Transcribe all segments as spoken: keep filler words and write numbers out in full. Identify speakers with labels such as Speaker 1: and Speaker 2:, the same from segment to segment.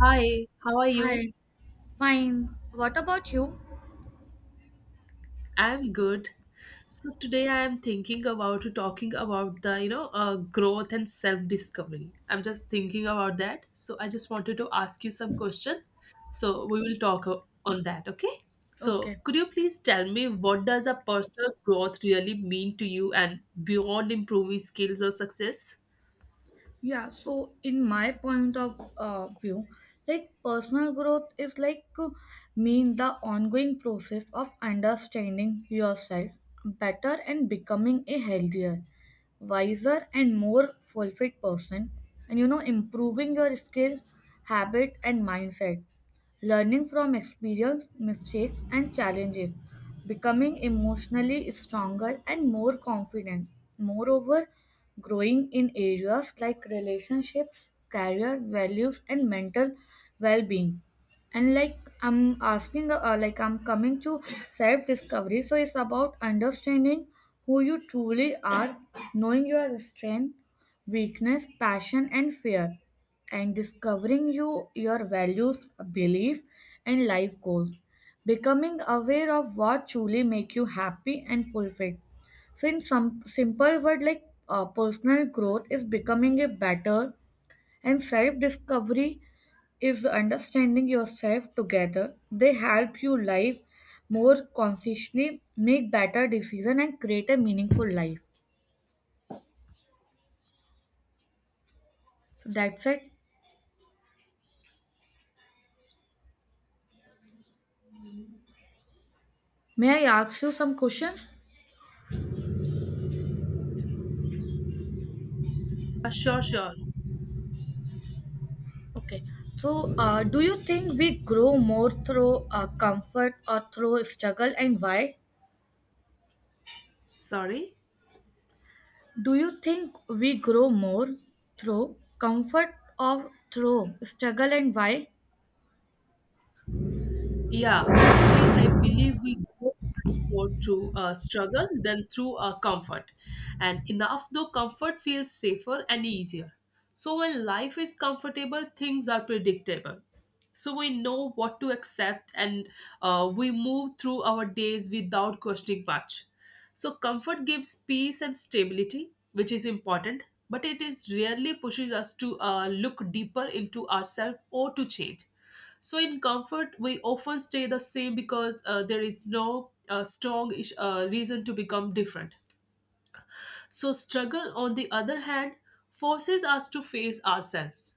Speaker 1: Hi, how are you?
Speaker 2: Hi, fine. What about you?
Speaker 1: I'm good. So today I am thinking about talking about the, you know, uh, growth and self-discovery. I'm just thinking about that. So I just wanted to ask you some question. So we will talk o- on that, okay? So
Speaker 2: Okay.
Speaker 1: could you please tell me what does a personal growth really mean to you and beyond improving skills or success?
Speaker 2: Yeah, so in my point of uh, view, like personal growth is like uh, mean the ongoing process of understanding yourself better and becoming a healthier, wiser and more fulfilled person and you know improving your skills, habit and mindset. Learning from experience, mistakes, and challenges, becoming emotionally stronger and more confident. Moreover, growing in areas like relationships, career, values, and mental well-being. And like I'm asking, uh, like I'm coming to self-discovery. So it's about understanding who you truly are, knowing your strength weakness, passion, and fear, and discovering you your values, belief, and life goals. Becoming aware of what truly make you happy and fulfilled. So, in some simple word like uh, personal growth is becoming a better, and self discovery is understanding yourself together. They help you live more consciously, make better decision, and create a meaningful life. So that's it. May I ask you some questions?
Speaker 1: Uh, sure, sure.
Speaker 2: Okay, so uh, do you think we grow more through uh, comfort or through struggle, and why?
Speaker 1: Sorry.
Speaker 2: Do you think we grow more through comfort or through struggle, and why?
Speaker 1: Yeah, actually, I believe we go much more to uh, struggle than through uh, comfort. And enough though comfort feels safer and easier. So when life is comfortable, things are predictable. So we know what to accept and uh, we move through our days without questioning much. So comfort gives peace and stability, which is important, but it is rarely pushes us to uh, look deeper into ourselves or to change. So in comfort, we often stay the same because uh, there is no uh, strong ish- uh, reason to become different. So struggle, on the other hand, forces us to face ourselves.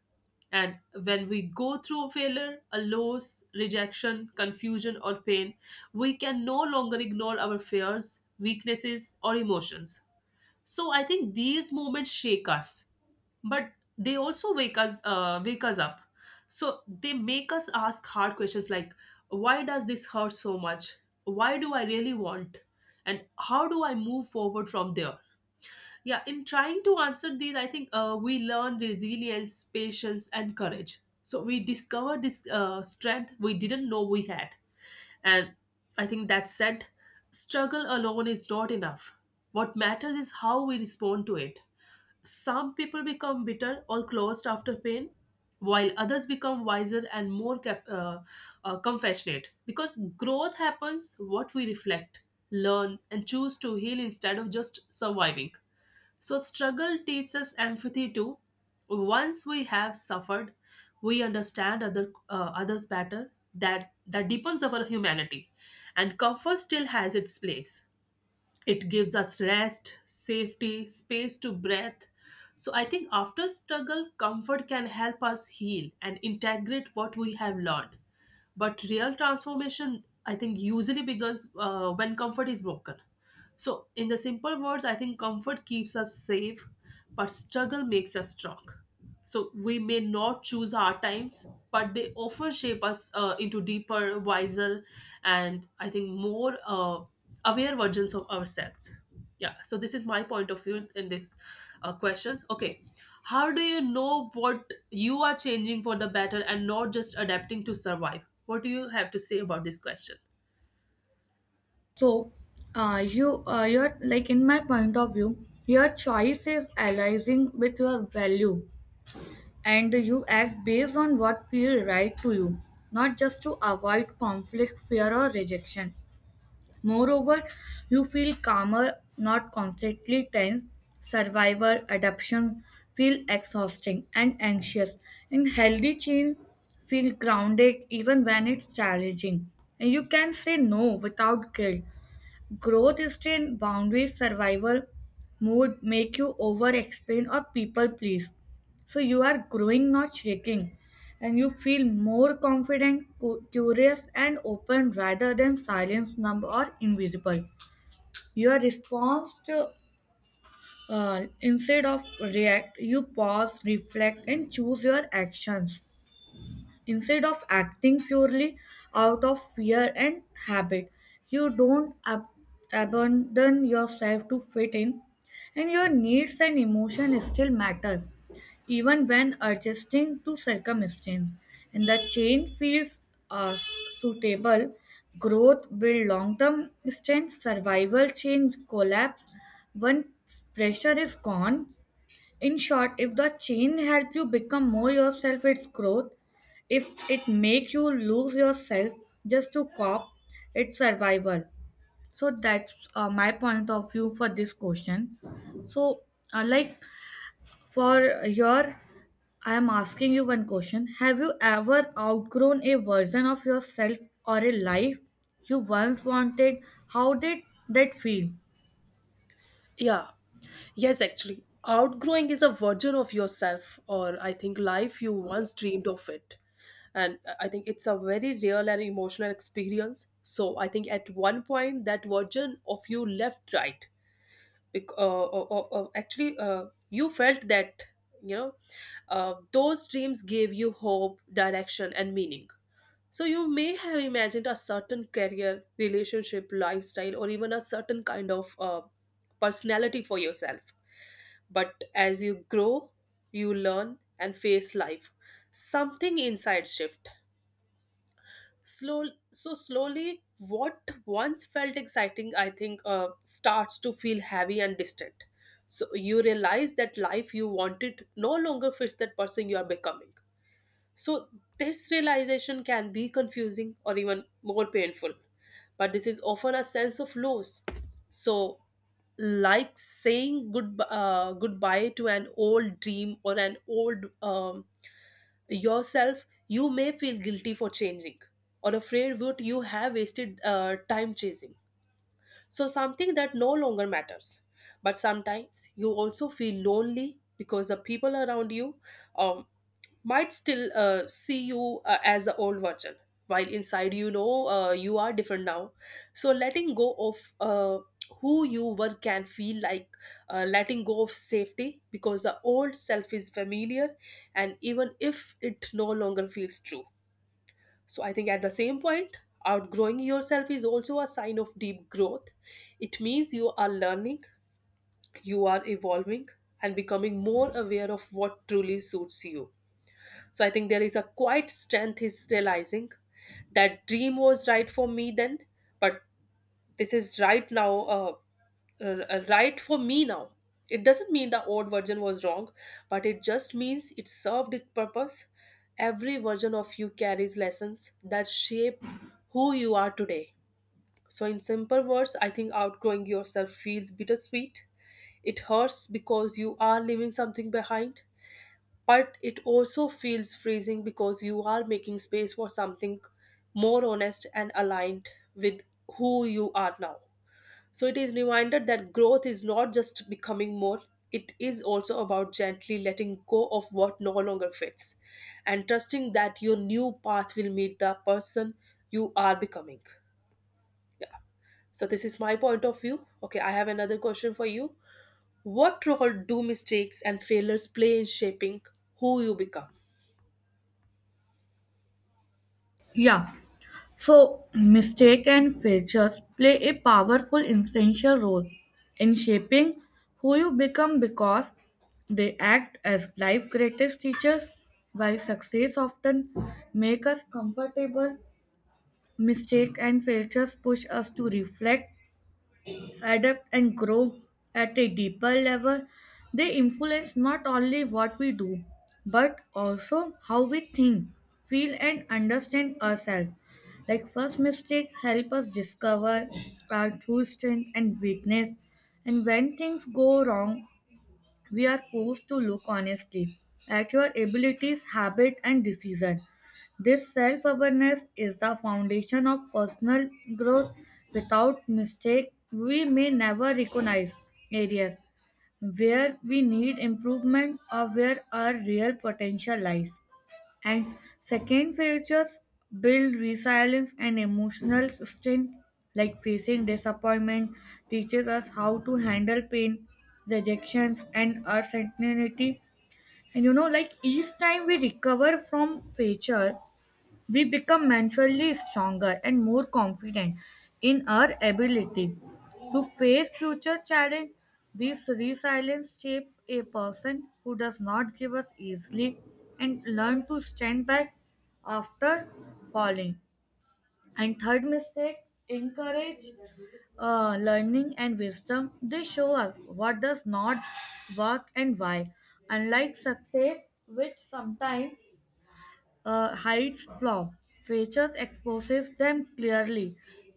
Speaker 1: And when we go through a failure, a loss, rejection, confusion, or pain, we can no longer ignore our fears, weaknesses, or emotions. So I think these moments shake us, but they also wake us uh, wake us up. So they make us ask hard questions like, why does this hurt so much? Why do I really want? And how do I move forward from there? Yeah, in trying to answer these, I think uh, we learn resilience, patience, and courage. So we discover this uh, strength we didn't know we had. And I think that said, struggle alone is not enough. What matters is how we respond to it. Some people become bitter or closed after pain, while others become wiser and more caf- uh, uh, compassionate. Because growth happens what we reflect, learn, and choose to heal instead of just surviving. So, struggle teaches empathy too. Once we have suffered, we understand other uh, others better. That that deepens our humanity, and comfort still has its place. It gives us rest, safety, space to breathe. So I think after struggle, comfort can help us heal and integrate what we have learned, but real transformation, I think, usually begins uh, when comfort is broken. So, in the simple words, I think comfort keeps us safe, but struggle makes us strong. So we may not choose our times, but they often shape us uh, into deeper, wiser, and I think more uh, aware versions of ourselves. Yeah. So this is my point of view in this uh, questions. Okay. How do you know what you are changing for the better and not just adapting to survive? What do you have to say about this question?
Speaker 2: So, uh, you, uh, you're like in my point of view, your choice is aligning with your value, and you act based on what feels right to you, not just to avoid conflict, fear, or rejection. Moreover, you feel calmer, not constantly tense. Survivor adaptation feel exhausting and anxious, in healthy change feel grounded even when it's challenging. And you can say no without guilt. Growth strain, boundaries, survival, mood make you over explain or people please. So you are growing, not shrinking, and you feel more confident, cu- curious, and open rather than silence, numb, or invisible. Your response to uh, instead of react, you pause, reflect, and choose your actions. Instead of acting purely out of fear and habit, you don't ab- abandon yourself to fit in, and your needs and emotion still matter, even when adjusting to circumstance. And the change feels uh, suitable. Growth build long-term strength. Survival change collapse. When pressure is gone, in short, if the change helps you become more yourself, it's growth. If it makes you lose yourself just to cop, it's survival. So that's uh, my point of view for this question. So, uh, like for your, I am asking you one question. Have you ever outgrown a version of yourself or a life you once wanted? How did that feel?
Speaker 1: Yeah. Yes, actually. Outgrowing is a version of yourself, or I think life you once dreamed of it. And I I think it's a very real and emotional experience. So I think at one point that version of you left, right. Bec- uh, uh, uh, uh, actually, uh, you felt that, you know, uh, those dreams gave you hope, direction, and meaning. So you may have imagined a certain career, relationship, lifestyle, or even a certain kind of uh, personality for yourself. But as you grow, you learn and face life. Something inside shift. Slow, so slowly, what once felt exciting, I think, uh, starts to feel heavy and distant. So you realize that life you wanted no longer fits that person you are becoming. So, this realization can be confusing or even more painful, but this is often a sense of loss. So, like saying good, uh, goodbye to an old dream or an old um, yourself, you may feel guilty for changing or afraid what you have wasted uh, time chasing. So, something that no longer matters. But sometimes you also feel lonely because the people around you um, might still uh, see you uh, as the old version, while inside you know uh, you are different now. So letting go of uh, who you were can feel like uh, letting go of safety, because the old self is familiar, and even if it no longer feels true. So I think at the same point, outgrowing yourself is also a sign of deep growth. It means you are learning, you are evolving, and becoming more aware of what truly suits you. So I think there is a quiet strength is realizing that dream was right for me then, but this is right now, uh, uh, uh, right for me now. It doesn't mean the old version was wrong, but it just means it served its purpose. Every version of you carries lessons that shape who you are today. So, in simple words, I think outgrowing yourself feels bittersweet. It hurts because you are leaving something behind, but it also feels freezing because you are making space for something more honest and aligned with who you are now. So it is reminded that growth is not just becoming more, it is also about gently letting go of what no longer fits and trusting that your new path will meet the person you are becoming. So this is my point of view. Okay, I have another question for you. What role do mistakes and failures play in shaping who you become?
Speaker 2: Yeah. So, mistake and failures play a powerful, essential role in shaping who you become because they act as life's greatest teachers. While success often make us comfortable, mistake and failures push us to reflect adapt, and grow at a deeper level, they influence not only what we do, but also how we think, feel, and understand ourselves. Like first mistake help us discover our true strength and weakness, and when things go wrong, we are forced to look honestly at your abilities, habit, and decision. This self awareness is the foundation of personal growth. Without mistake, we may never recognize areas where we need improvement or where our real potential lies. And second, features build resilience and emotional strength, like facing disappointment teaches us how to handle pain, rejections, and uncertainty. And you know, like each time we recover from failure, we become mentally stronger and more confident in our ability to face future challenge. This resilience shapes a person who does not give up easily and learn to stand back after falling. And third mistake, encourage uh, learning and wisdom. They show us what does not work and why. Unlike success, which sometimes uh, hides flaw. Features exposes them clearly.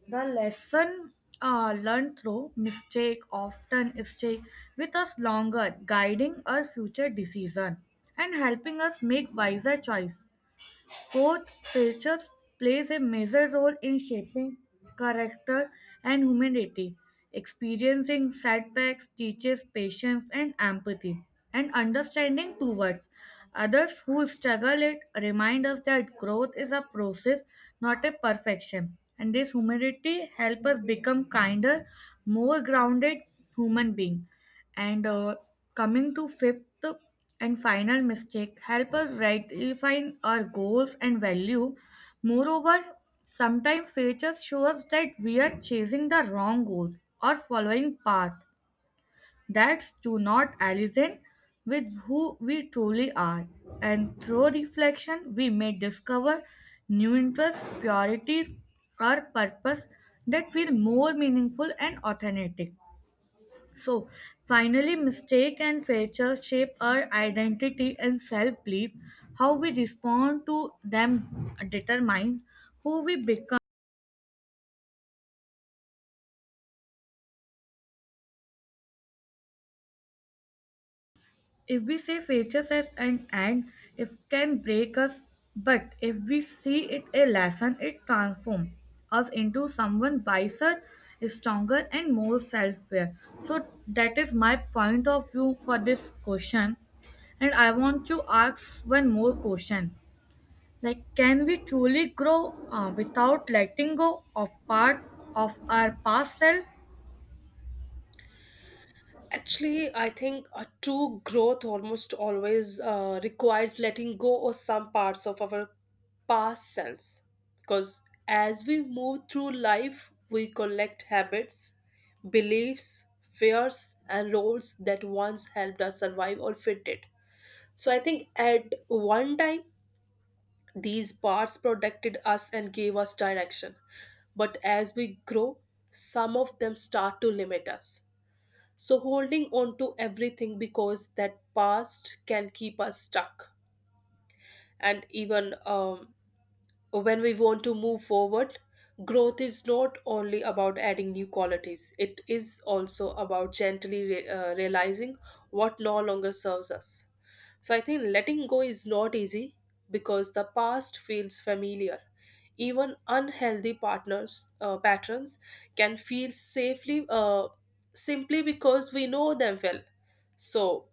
Speaker 2: The lesson uh, learned through mistake often stay with us longer, guiding our future decision and helping us make wiser choice. Fourth, culture plays a major role in shaping character and humanity. Experiencing setbacks teaches patience and empathy, and understanding towards others who struggle it remind us that growth is a process, not a perfection. And this humility helps us become kinder, more grounded human being. And uh, coming to fifth, and final mistake help us redefine our goals and value. Moreover, sometimes failures show us that we are chasing the wrong goal or following path that do not align with who we truly are. And through reflection, we may discover new interests, priorities, or purpose that feel more meaningful and authentic. So finally, mistake and failure shape our identity and self belief. How we respond to them determines who we become. If we see failure as an end, it can break us. But if we see it a lesson, it transforms us into someone wiser, stronger, and more self aware. So that is my point of view for this question. And I want to ask one more question. Like, can we truly grow uh, without letting go of part of our past self?
Speaker 1: Actually, I think a true growth almost always uh, requires letting go of some parts of our past selves. Because as we move through life, we collect habits, beliefs, fears, and roles that once helped us survive or fit it. So I think at one time, these parts protected us and gave us direction. But as we grow, some of them start to limit us. So, holding on to everything because that past can keep us stuck, and even um, when we want to move forward, growth is not only about adding new qualities, it is also about gently re- uh, realizing what no longer serves us. So I think letting go is not easy because the past feels familiar. Even unhealthy partners uh, patterns can feel safely uh, simply because we know them well. So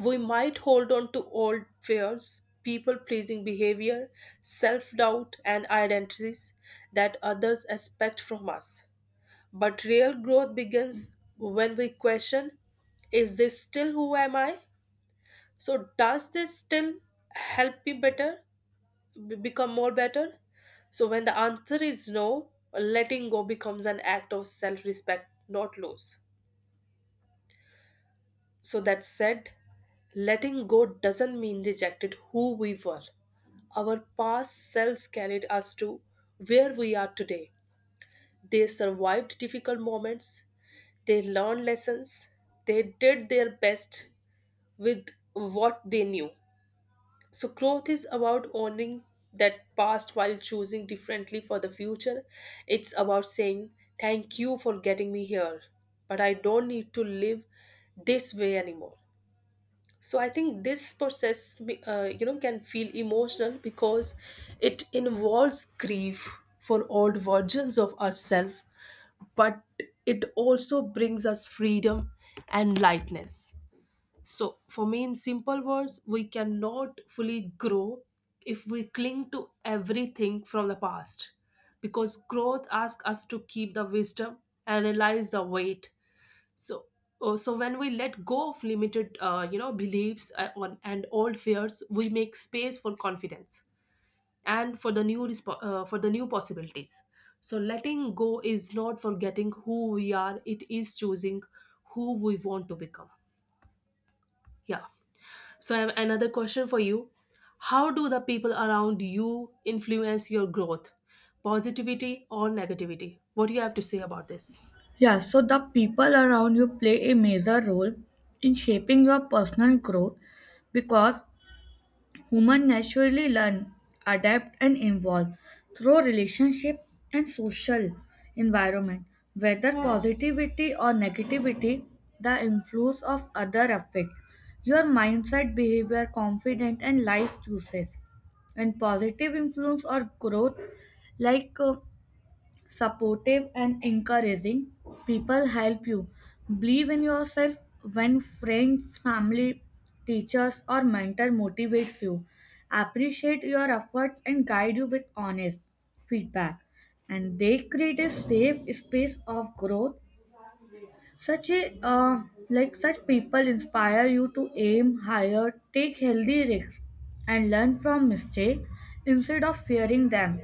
Speaker 1: we might hold on to old fears, people pleasing behavior, self doubt, and identities that others expect from us. But real growth begins when we question, is this still who am I? So, does this still help me better, b- become more better? So, when the answer is no, letting go becomes an act of self respect, not loss. So, that said, letting go doesn't mean rejected who we were. Our past selves carried us to where we are today. They survived difficult moments, they learned lessons, they did their best with what they knew. So, growth is about owning that past while choosing differently for the future. It's about saying, thank you for getting me here, but I don't need to live this way anymore. So I think this process be- uh, you know can feel emotional because it involves grief for old versions of ourselves, but it also brings us freedom and lightness. So, for me, in simple words, we cannot fully grow if we cling to everything from the past, because growth asks us to keep the wisdom and realize the weight. So, uh, so when we let go of limited, uh, you know, beliefs uh, on and old fears, we make space for confidence and for the new resp- uh, for the new possibilities. So, letting go is not forgetting who we are; it is choosing who we want to become. Yeah. So, I have another question for you. How do the people around you influence your growth, positivity or negativity? What do you have to say about this?
Speaker 2: Yeah, so the people around you play a major role in shaping your personal growth because humans naturally learn, adapt, and evolve through relationship and social environment. Whether positivity or negativity, the influence of other affect your mindset, behavior, confidence, and life choices. And positive influence or growth, like uh, supportive and encouraging. People help you believe in yourself when friends, family, teachers, or mentor motivates you, appreciate your efforts, and guide you with honest feedback. And they create a safe space of growth. Such a uh, Like such people inspire you to aim higher, take healthy risks, and learn from mistake instead of fearing them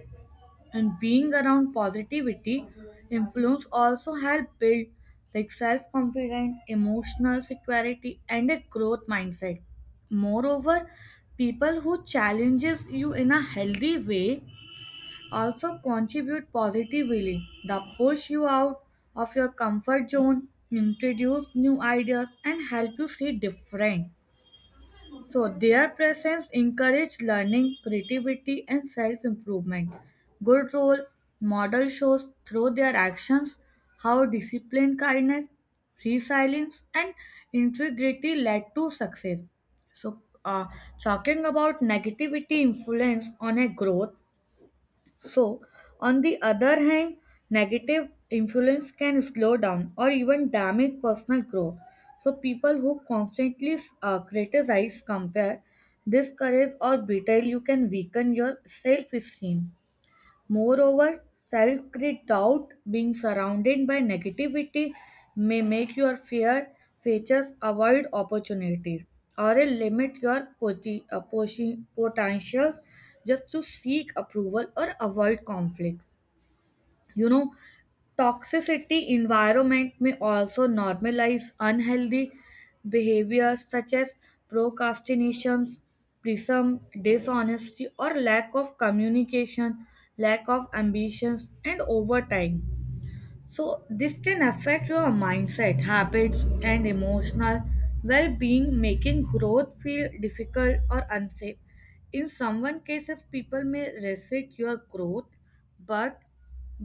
Speaker 2: and being around positivity influence also help build like self-confidence emotional security and a growth mindset. Moreover, people who challenges you in a healthy way also contribute positively. They push you out of your comfort zone, introduce new ideas and help you see different. So their presence encouraged learning, creativity, and self-improvement. Good role model shows through their actions how discipline, kindness, resilience, and integrity led to success. So, uh, talking about negativity influence on a growth, so, on the other hand, negative influence can slow down or even damage personal growth. So, people who constantly uh, criticize, compare, discourage, or belittle you can weaken your self esteem. Moreover, self great doubt, being surrounded by negativity, may make your fear features avoid opportunities or limit your poti- uh, posi- potential just to seek approval or avoid conflicts. you know Toxicity environment may also normalize unhealthy behaviors such as procrastinations prism dishonesty or lack of communication, lack of ambitions and overtime. So, this can affect your mindset, habits, and emotional well being, making growth feel difficult or unsafe. In some cases, people may resist your growth, but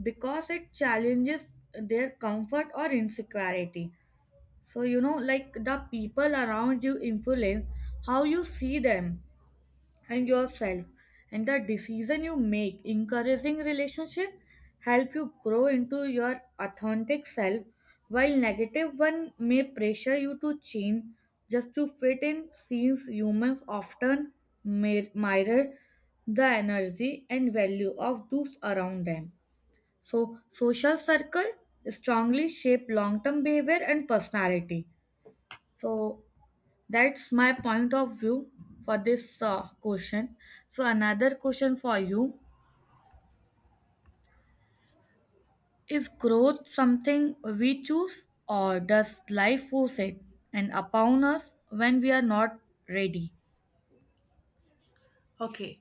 Speaker 2: because it challenges their comfort or insecurity. So, you know, like the people around you influence how you see them and yourself and the decision you make. Encouraging relationship help you grow into your authentic self while negative one may pressure you to change just to fit in since humans often mir- mirror the energy and value of those around them. So social circle strongly shape long-term behavior and personality. So that's my point of view for this uh, question. So, another question for you is growth something we choose, or does life force it and upon us when we are not ready?
Speaker 1: Okay.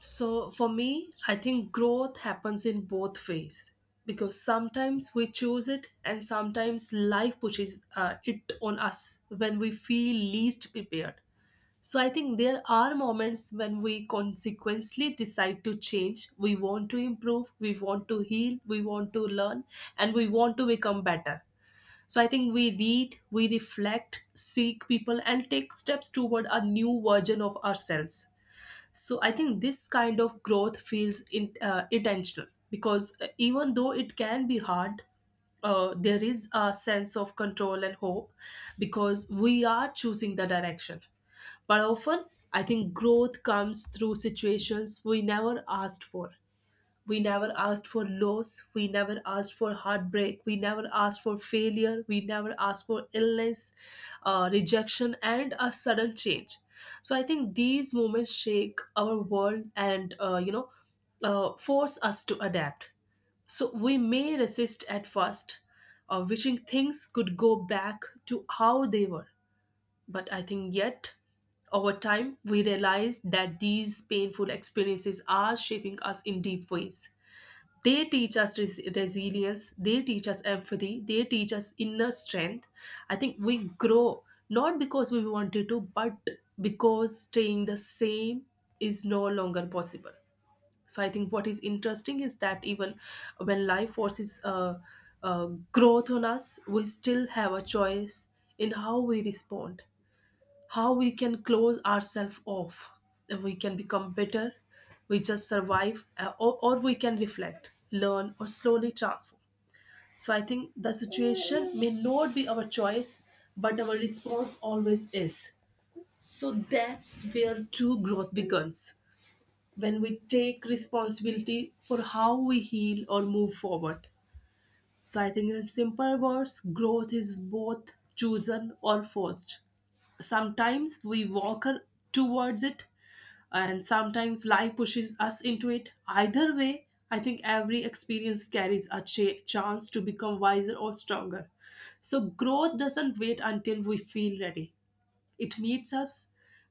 Speaker 1: So for me, I think growth happens in both ways because sometimes we choose it and sometimes life pushes uh, it on us when we feel least prepared. So I think there are moments when we consequently decide to change. We want to improve, we want to heal, we want to learn, and we want to become better. So I think we read, we reflect, seek people, and take steps toward a new version of ourselves. So I think this kind of growth feels in, uh, intentional, because uh, even though it can be hard, uh, there is a sense of control and hope, because we are choosing the direction. But often, I think growth comes through situations we never asked for. We never asked for loss. We never asked for heartbreak. We never asked for failure. We never asked for illness, uh, rejection, and a sudden change. So I think these moments shake our world and, uh, you know, uh, force us to adapt. So we may resist at first, uh, wishing things could go back to how they were. But I think yet, over time, we realize that these painful experiences are shaping us in deep ways. They teach us res- resilience, they teach us empathy, they teach us inner strength. I think we grow not because we wanted to, but because staying the same is no longer possible. So I think what is interesting is that even when life forces uh, uh, growth on us, we still have a choice in how we respond. How we can close ourselves off, we can become better, we just survive, uh, or, or we can reflect, learn, or slowly transform. So I think the situation may not be our choice, but our response always is. So that's where true growth begins, when we take responsibility for how we heal or move forward. So I think in simple words, growth is both chosen or forced. Sometimes we walk her towards it, and sometimes life pushes us into it. Either way, I think every experience carries a cha- chance to become wiser or stronger. So, growth doesn't wait until we feel ready, it meets us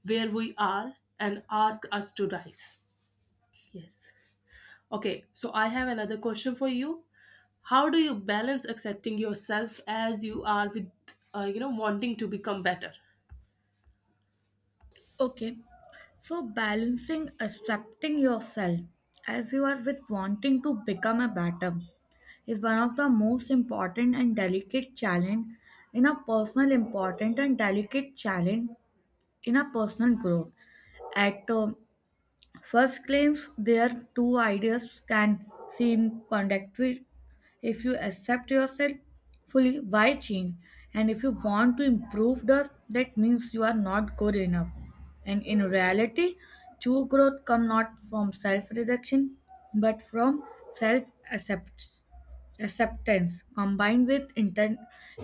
Speaker 1: where we are and asks us to rise. Yes. Okay, so I have another question for you. How do you balance accepting yourself as you are with, uh, you know, wanting to become better?
Speaker 2: Okay, so balancing accepting yourself as you are with wanting to become a better is one of the most important and delicate challenge in a personal important and delicate challenge in a personal growth at uh, first claims their two ideas can seem contradictory. If you accept yourself fully, why change? And if you want to improve thus, that means you are not good enough. And in reality, true growth comes not from self-reduction, but from self-acceptance combined with inten-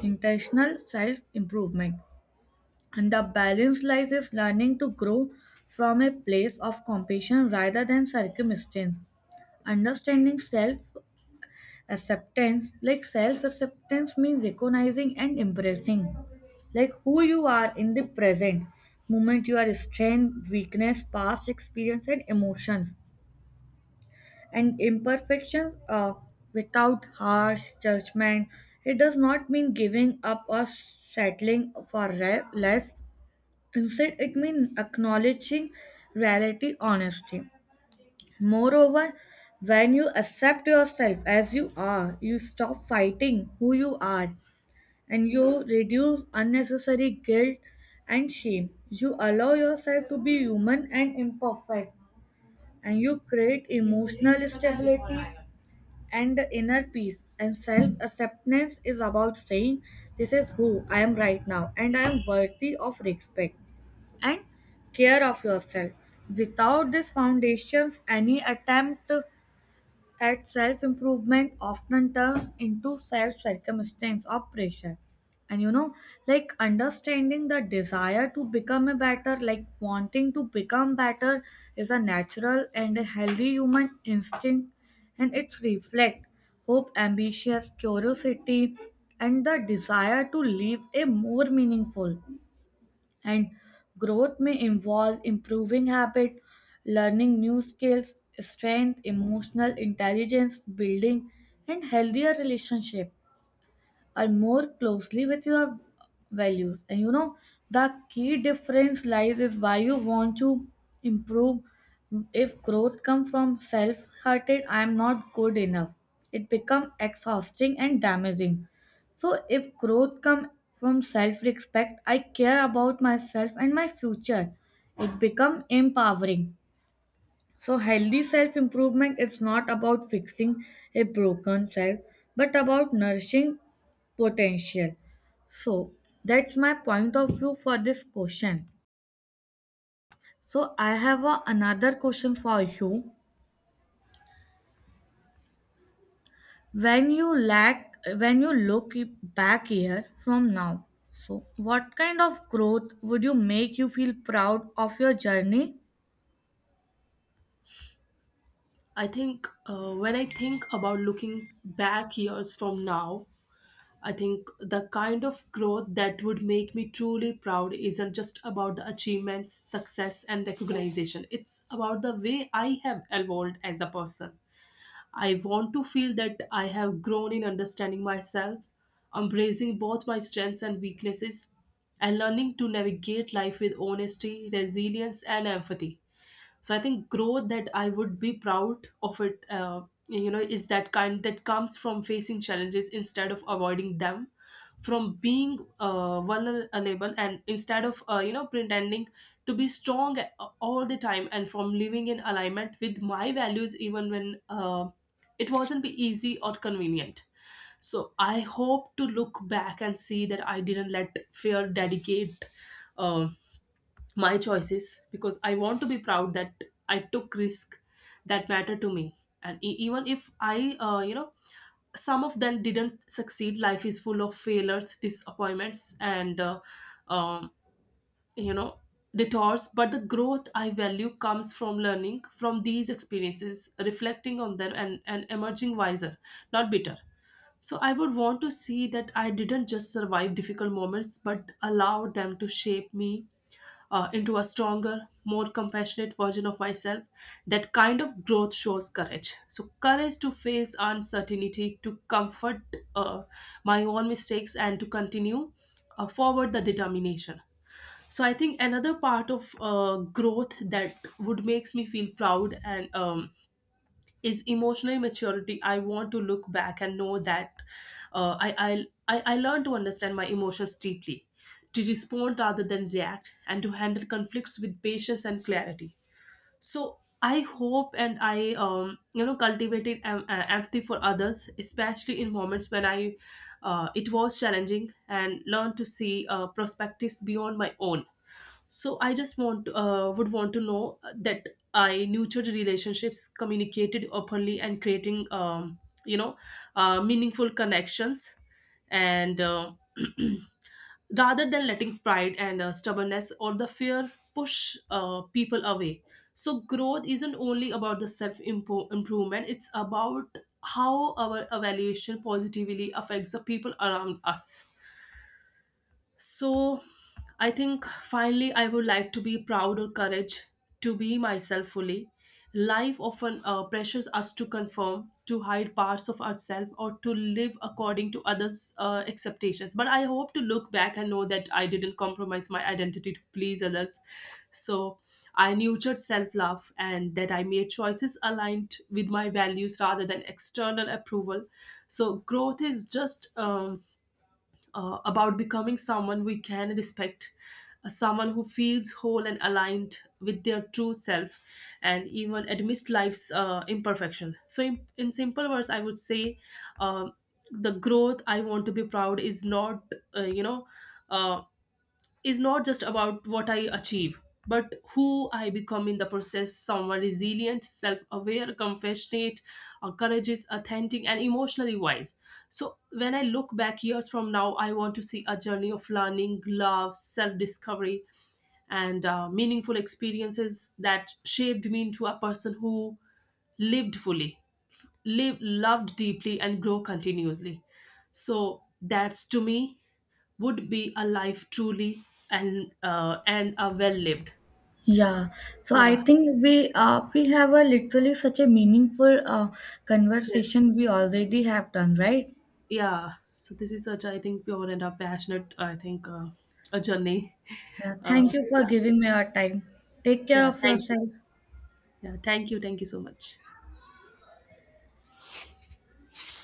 Speaker 2: intentional self-improvement. And the balance lies is learning to grow from a place of compassion rather than circumstance. Understanding self acceptance, like self acceptance means recognizing and embracing like who you are in the present moment, your strength weakness past experience and emotions and imperfections uh, without harsh judgment. It does not mean giving up or settling for re- less. Instead, it means acknowledging reality honestly. Moreover, when you accept yourself as you are, you stop fighting who you are and you reduce unnecessary guilt and shame. You allow yourself to be human and imperfect and you create emotional stability and the inner peace and self acceptance is about saying, this is who I am right now, and I am worthy of respect and care of yourself. Without these foundations, any attempt at self-improvement often turns into self-circumstance or pressure. And you know, like understanding the desire to become a better, like wanting to become better is a natural and a healthy human instinct and it's reflect hope, ambitious curiosity, and the desire to live a more meaningful and growth may involve improving habit, learning new skills, strength, emotional intelligence, building and healthier relationship are more closely with your values. And you know, the key difference lies is why you want to improve. If growth comes from self-hearted, I am not good enough. It becomes exhausting and damaging. So if growth comes from self-respect, I care about myself and my future. It becomes empowering. So healthy self improvement is not about fixing a broken self but about nourishing potential. So that's my point of view for this question. So I have a, another question for you. When you lack when you look back here from now, so what kind of growth would you make you feel proud of your journey?
Speaker 1: I think uh, when I think about looking back years from now, I think the kind of growth that would make me truly proud isn't just about the achievements, success, and recognition. It's about the way I have evolved as a person. I want to feel that I have grown in understanding myself, embracing both my strengths and weaknesses, and learning to navigate life with honesty, resilience, and empathy. So I think growth that I would be proud of it, uh, you know is that kind that comes from facing challenges instead of avoiding them, from being uh, vulnerable, and instead of uh, you know pretending to be strong all the time, and from living in alignment with my values even when uh, it wasn't be easy or convenient. So I hope to look back and see that I didn't let fear dedicate um my choices, because I want to be proud that I took risk that matter to me. And e- even if I, uh, you know some of them didn't succeed, life is full of failures, disappointments, and uh, um, you know detours. But the growth I value comes from learning from these experiences, reflecting on them, and, and emerging wiser, not bitter. So I would want to see that I didn't just survive difficult moments but allowed them to shape me uh, into a stronger, more compassionate version of myself. That kind of growth shows courage, so courage to face uncertainty, to comfort uh, my own mistakes, and to continue uh, forward the determination. So I think another part of uh, growth that would makes me feel proud, and um, is emotional maturity. I want to look back and know that uh, I, I i i learned to understand my emotions deeply, to respond rather than react, and to handle conflicts with patience and clarity. So I hope and I um, you know cultivated em- uh, empathy for others, especially in moments when I, uh, it was challenging, and learned to see uh, perspectives beyond my own. So I just want uh, would want to know that I nurtured relationships, communicated openly, and creating um, you know uh, meaningful connections, and uh, rather than letting pride and, uh, stubbornness, or the fear push uh, people away. So, growth isn't only about the self improvement, it's about how our evaluation positively affects the people around us. So I think finally I would like to be proud or courage to be myself fully. Life often uh, pressures us to conform, to hide parts of ourselves, or to live according to others' uh, expectations. But I hope to look back and know that I didn't compromise my identity to please others. So I nurtured self love, and that I made choices aligned with my values rather than external approval. So growth is just um, uh, about becoming someone we can respect, uh, someone who feels whole and aligned with their true self, and even admits life's uh, imperfections. So, in, in simple words, I would say uh, the growth I want to be proud is not, uh, you know. Uh, is not just about what I achieve, but who I become in the process. Someone resilient, self aware, compassionate, uh, courageous, authentic, and emotionally wise. So, when I look back years from now, I want to see a journey of learning, love, self discovery, and uh, meaningful experiences that shaped me into a person who lived fully, f- live, loved deeply, and grow continuously. So, that's to me would be a life truly and uh, and a well lived.
Speaker 2: Yeah, so I
Speaker 1: Yeah.
Speaker 2: think we uh, we have a literally such a meaningful uh,
Speaker 1: Yes.
Speaker 2: conversation we already have done, right?
Speaker 1: Yeah. So this is such I think pure and a passionate, I think, uh, a journey.
Speaker 2: Uh,
Speaker 1: Uh,
Speaker 2: thank you
Speaker 1: yeah.
Speaker 2: for giving me your time. Take care
Speaker 1: Yeah.
Speaker 2: of
Speaker 1: Thank you.
Speaker 2: yourself.
Speaker 1: Yeah. Thank you. Thank you so much.